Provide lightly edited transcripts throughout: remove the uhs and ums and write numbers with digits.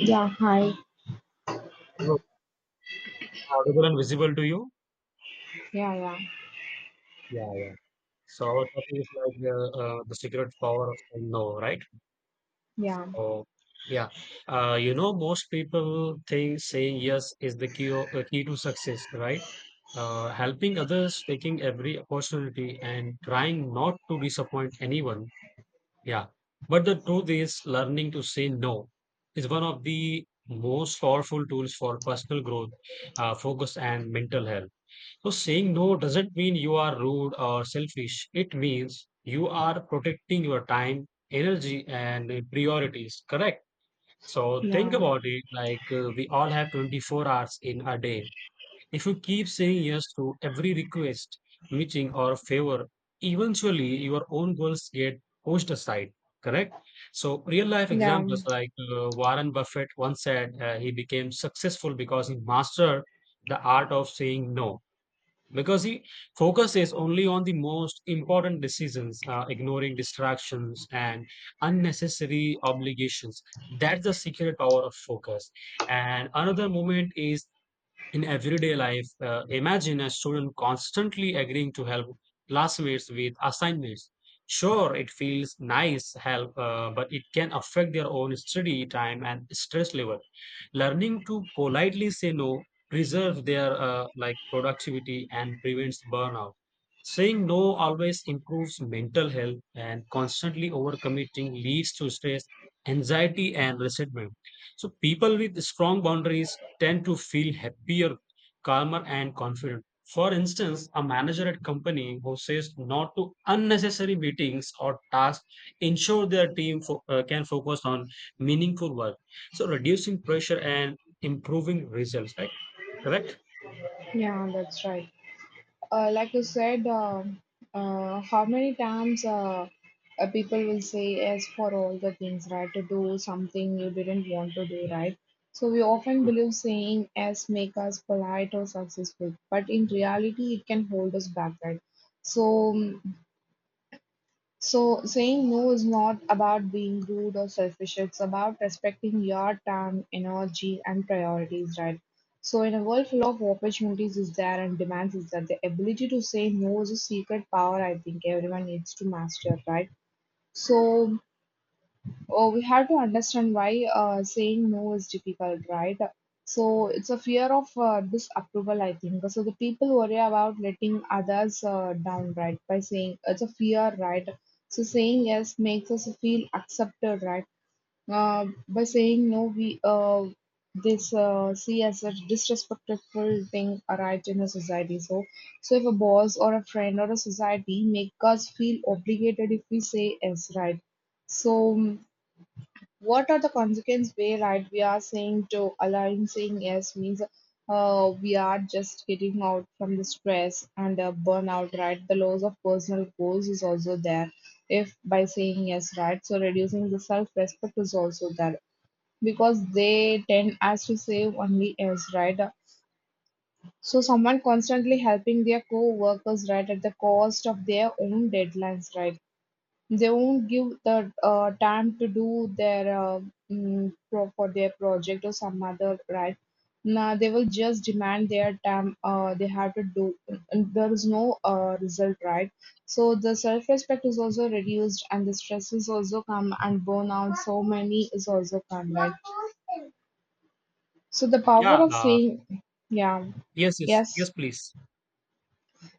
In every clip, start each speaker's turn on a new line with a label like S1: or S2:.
S1: Yeah, hi.
S2: Hello, am I audible and visible to you?
S1: Yeah, yeah,
S2: Yeah, yeah. So our topic is like the secret power of saying no, right?
S1: yeah,
S2: Oh, yeah, you know, most people think saying yes is the key to success, right? Helping others, taking every opportunity, and trying not to disappoint anyone. Yeah, but the truth is, learning to say no is one of the most powerful tools for personal growth, focus, and mental health. So saying no doesn't mean you are rude or selfish. It means you are protecting your time, energy, and priorities. Correct. So think
S1: yeah,
S2: about it like we all have 24 hours in a day. If you keep saying yes to every request, meeting, or favor, eventually your own goals get pushed aside. Correct. So real life
S1: yeah,
S2: examples like Warren Buffett once said he became successful because he mastered the art of saying no because he focuses only on the most important decisions, ignoring distractions and unnecessary obligations. That's the secret power of focus. And another moment is in everyday life, imagine a student constantly agreeing to help classmates with assignments. Sure, it feels nice help, but it can affect their own study time and stress level. Learning to politely say no preserves their productivity and prevents burnout. Saying no always improves mental health, and constantly overcommitting leads to stress, anxiety, and resentment. So people with strong boundaries tend to feel happier, calmer, and confident. For instance, a manager at company who says not to unnecessary meetings or tasks ensure their team can focus on meaningful work. So reducing pressure and improving results, right? Correct?
S1: yeah, that's right. Like you said, how many times, people will say yes for all the things, right? To do something you didn't want to do, right? So we often
S2: Yeah.
S1: believe saying yes make us polite or successful, but in reality, it can hold us back, right? So So, saying no is not about being rude or selfish. It's about respecting your time, energy, and priorities, right? So, in a world full of opportunities is there and demands is that the ability to say no is a secret power I think everyone needs to master, right? So, oh, we have to understand why saying no is difficult, right? So it's a fear of disapproval, I think. So the people worry about letting others down, right? By saying it's a fear, right? So saying yes makes us feel accepted, right? By saying no, we this see as a disrespectful thing, right, in a society. So, if a boss or a friend or a society make us feel obligated if we say yes, right? So. What are the consequences where right we are saying to allowing saying yes means we are just getting out from the stress and burnout, right? The loss of personal goals is also there if by saying yes, right? So reducing the self respect is also there because they tend as to say only yes, right? So someone constantly helping their co-workers right at the cost of their own deadlines, right? They won't give the time to do their pro for their project or some other right. Now they will just demand their time. They have to do, and there is no result, right? So the self-respect is also reduced, and the stress is also come, and burnout. So many is also come, right? So the power
S2: Yeah,
S1: of saying, yeah,
S2: Yes. Yes.
S1: yes.
S2: Yes. Please.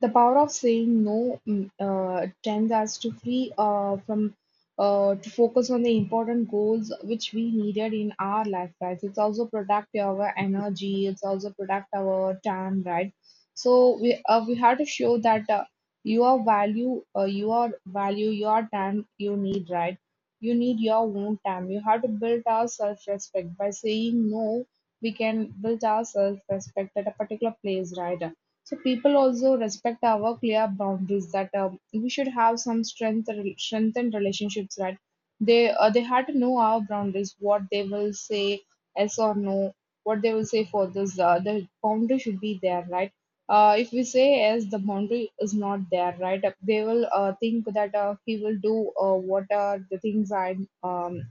S1: The power of saying no tends us to free from to focus on the important goals which we needed in our lifetimes. It's also protect our energy. It's also protect our time, right? So we have to show that uh, your value, your time you need, right? You need your own time. You have to build our self-respect by saying no. We can build our self-respect at a particular place, right? So people also respect our clear boundaries that we should have some strengthened relationships, right? They had to know our boundaries, what they will say yes or no, what they will say for this. The boundary should be there, right? If we say yes, the boundary is not there, right? They will think that he will do what are the things um,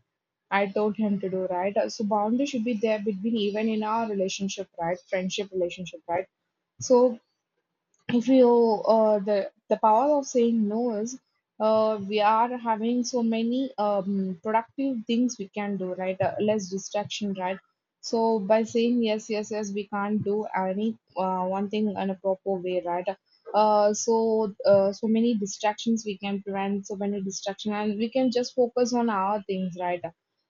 S1: I told him to do, right? So boundary should be there between even in our relationship, right? Friendship relationship, right? So if you the power of saying no is we are having so many productive things we can do right less distraction right so by saying yes yes yes we can't do any one thing in a proper way right so so many distractions we can prevent so many distraction and we can just focus on our things right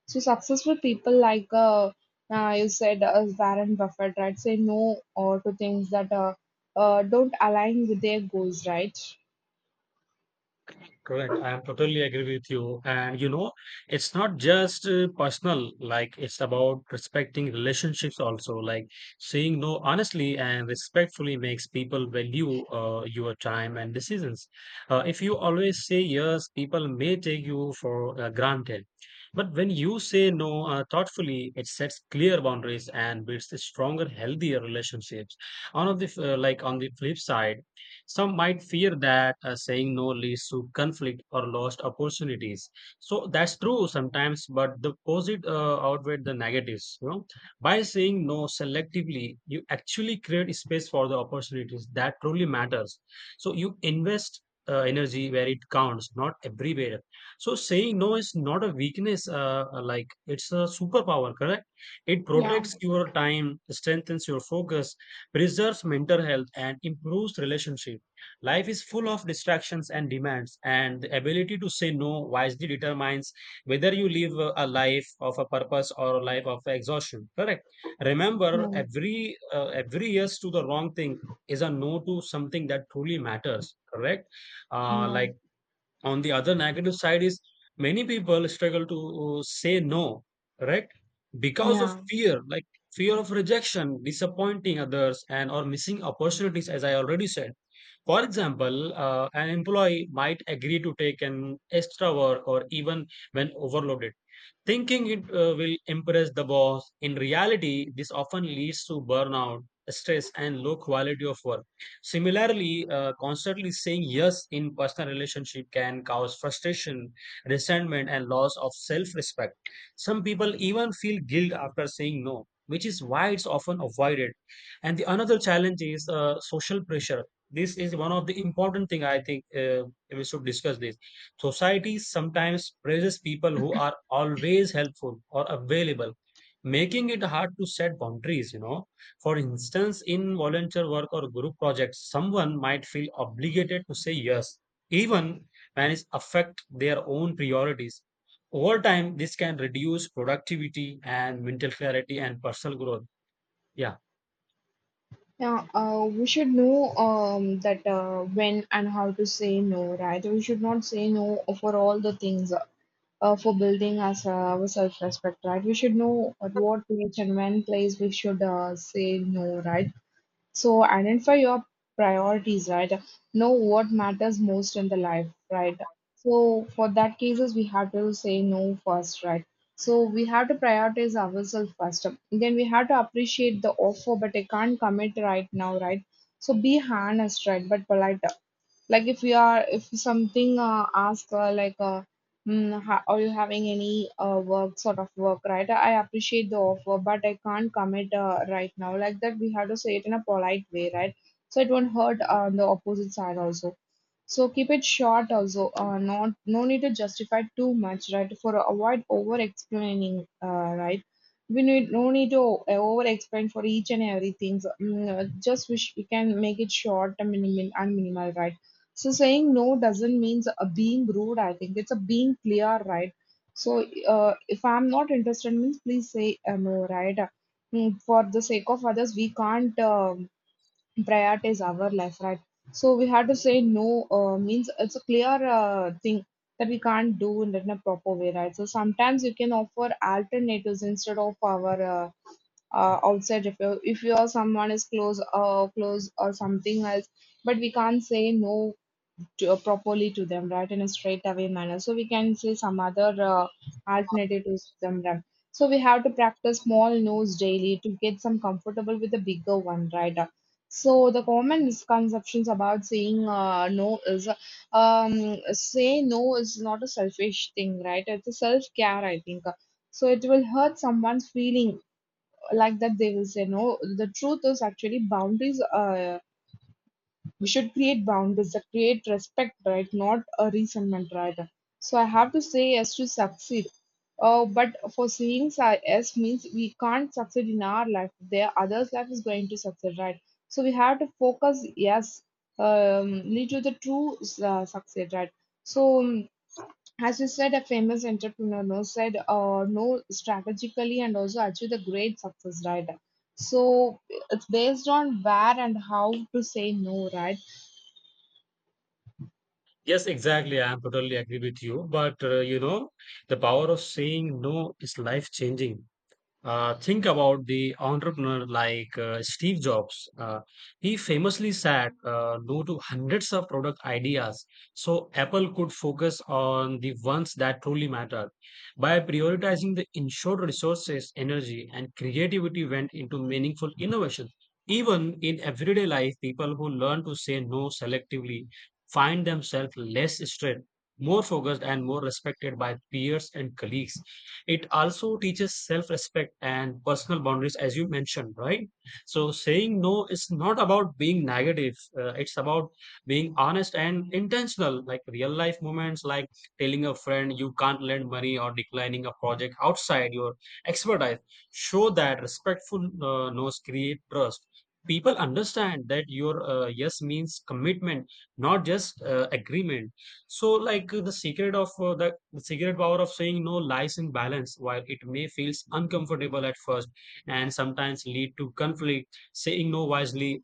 S1: so successful people like you said Warren Buffett, right? Say no or to things that don't align with their goals, right?
S2: Correct. I am totally agree with you. And you know, it's not just personal, like it's about respecting relationships also. Like saying no honestly and respectfully makes people value your time and decisions. If you always say yes, people may take you for granted. But when you say no thoughtfully, it sets clear boundaries and builds a stronger, healthier relationships. On of the f- like on the flip side some might fear that saying no leads to conflict or lost opportunities. So that's true sometimes, but the positive outweigh the negatives. You know, by saying no selectively, you actually create space for the opportunities that truly matters. So you invest energy where it counts, not everywhere. So saying no is not a weakness, like it's a superpower, correct? It
S1: Yeah.
S2: protects your time, strengthens your focus, preserves mental health, and improves relationship. Life is full of distractions and demands, and the ability to say no wisely determines whether you live a life of a purpose or a life of exhaustion. Correct. Remember,
S1: Yeah,
S2: every yes to the wrong thing is a no to something that truly matters. Correct. Uh,
S1: yeah,
S2: like on the other negative side is many people struggle to say no correct because of
S1: yeah,
S2: fear like fear of rejection disappointing others and or missing opportunities as I already said. For example, an employee might agree to take an extra work or even when overloaded, thinking it will impress the boss. In reality, this often leads to burnout, stress, and low quality of work. Similarly, constantly saying yes in personal relationship can cause frustration, resentment, and loss of self-respect. Some people even feel guilt after saying no, which is why it's often avoided. And the another challenge is social pressure. This is one of the important thing I think we should discuss this. Society sometimes praises people who are always helpful or available, making it hard to set boundaries, you know. For instance, in volunteer work or group projects, someone might feel obligated to say yes, even when it affect their own priorities. Over time, this can reduce productivity and mental clarity and personal growth. Yeah.
S1: yeah. We should know that when and how to say no, right? We should not say no for all the things. For building us our self-respect, right? We should know at what age and when place we should say no, right? So identify your priorities, right? Know what matters most in the life, right? So for that cases, we have to say no first, right? So we have to prioritize ourselves first. Then we have to appreciate the offer, but I can't commit right now, right? So be honest, right? But polite. Like if we are, if something ask like. Are you having any work sort of work right I appreciate the offer but I can't commit right now like that we have to say it in a polite way right so it won't hurt on the opposite side also so keep it short also not no need to justify too much right for avoid over explaining right we need no need to over explain for each and everything so just wish we can make it short and minimal right so saying no doesn't mean a being rude. I think it's a being clear, right? So if I'm not interested, means please say no, right? For the sake of others, we can't prioritize our life, right? So we have to say no. Means it's a clear thing that we can't do in a proper way, right? So sometimes you can offer alternatives instead of our outside. If you are someone is close, close or something else but we can't say no to, properly to them, right, in a straightaway manner. So we can say some other alternative to them. Right. So we have to practice small no's daily to get some comfortable with the bigger one, right? So the common misconceptions about saying no is say no is not a selfish thing, right? It's a self care, I think. So it will hurt someone's feeling like that they will say no. The truth is actually boundaries. We should create boundaries that create respect, right? Not a resentment, right? So I have to say yes to succeed. But for yes means we can't succeed in our life. Their others' life is going to succeed, right? So we have to focus yes, lead to the true success, right? So, as you said, a famous entrepreneur no, said, no strategically and also achieve the great success, right? So it's based on where and how to say no, right?
S2: Yes, exactly. I am totally agree with you. But you know, the power of saying no is life changing. Think about the entrepreneur like Steve Jobs. He famously said no to hundreds of product ideas so Apple could focus on the ones that truly mattered. By prioritizing the insured resources, energy, and creativity went into meaningful innovation. Even in everyday life, people who learn to say no selectively find themselves less stressed, more focused, and more respected by peers and colleagues. It also teaches self respect and personal boundaries, as you mentioned, right? So, saying no is not about being negative, it's about being honest and intentional, like real life moments, like telling a friend you can't lend money or declining a project outside your expertise. Show that respectful no's create trust. People understand that your yes means commitment, not just agreement. So, like the secret of the secret power of saying no lies in balance. While it may feel uncomfortable at first and sometimes lead to conflict, saying no wisely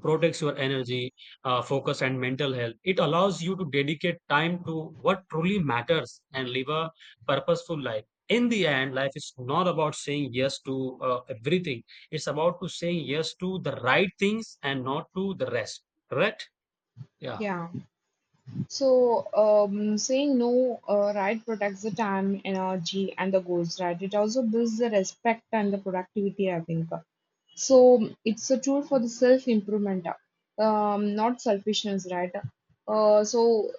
S2: protects your energy, focus, and mental health. It allows you to dedicate time to what truly matters and live a purposeful life. In the end, life is not about saying yes to everything. It's about to saying yes to the right things and not to the rest. Correct? Yeah.
S1: Yeah. So, saying no, right, protects the time, energy, and the goals, right? It also builds the respect and the productivity, I think. So, it's a tool for the self improvement, not selfishness, right? So,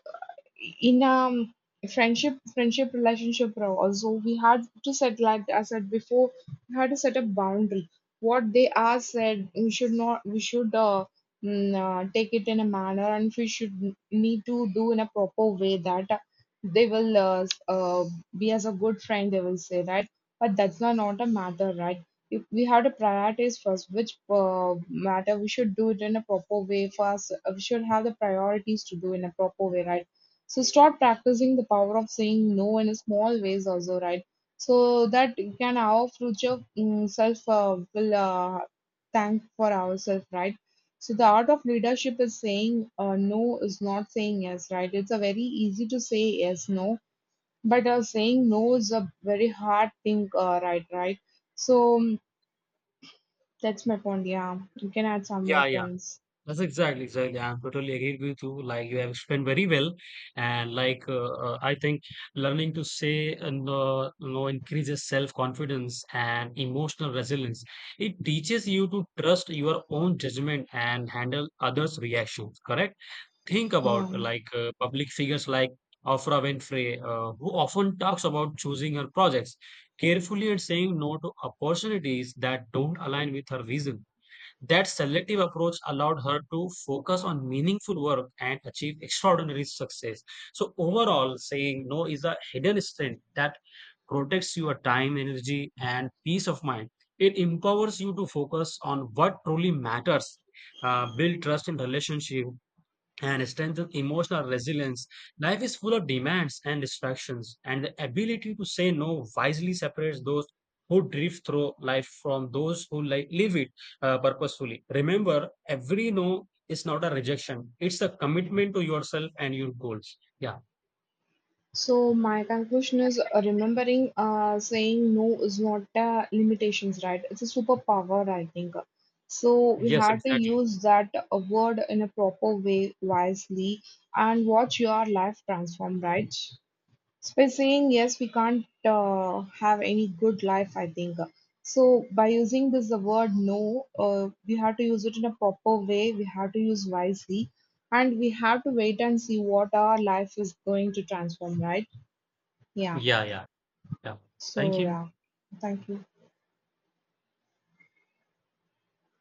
S1: in friendship relationship also we had to set like I said before we had to set a boundary what they are said we should not we should take it in a manner and we should need to do in a proper way that they will be as a good friend they will say right but that's not a matter right if we have to prioritize first which matter we should do it in a proper way first we should have the priorities to do in a proper way right so start practicing the power of saying no in small ways also, right? So that you can our future self will thank for ourselves, right? So the art of leadership is saying no is not saying yes, right? It's a very easy to say yes, no, but saying no is a very hard thing, right? Right. So that's my point. Yeah, you can add some more
S2: Yeah. Yeah.
S1: points.
S2: That's exactly, exactly. I'm totally agreed with you. Like you have explained very well, and I think learning to say no increases self-confidence and emotional resilience. It teaches you to trust your own judgment and handle others' reactions. Correct? Think about
S1: Yeah.
S2: like public figures like Oprah Winfrey, who often talks about choosing her projects carefully and saying no to opportunities that don't align with her vision. That selective approach allowed her to focus on meaningful work and achieve extraordinary success. So, overall, saying no is a hidden strength that protects your time, energy, and peace of mind. It empowers you to focus on what truly matters, build trust in relationship, and strengthen emotional resilience. Life is full of demands and distractions, and the ability to say no wisely separates those who drift through life from those who live it purposefully. Remember, every no is not a rejection; it's a commitment to yourself and your goals. Yeah.
S1: So my conclusion is remembering saying no is not a limitations, right? It's a superpower, I think. So we
S2: Yes.
S1: have to
S2: Exactly.
S1: use that word in a proper way, wisely, and watch your life transform, right? So by saying yes, we can't have any good life, I think. So by using this the word no, we have to use it in a proper way. We have to use wisely, and we have to wait and see what our life is going to transform, right? Yeah.
S2: Yeah. Yeah. Yeah. Thank
S1: So
S2: you.
S1: yeah. Thank you.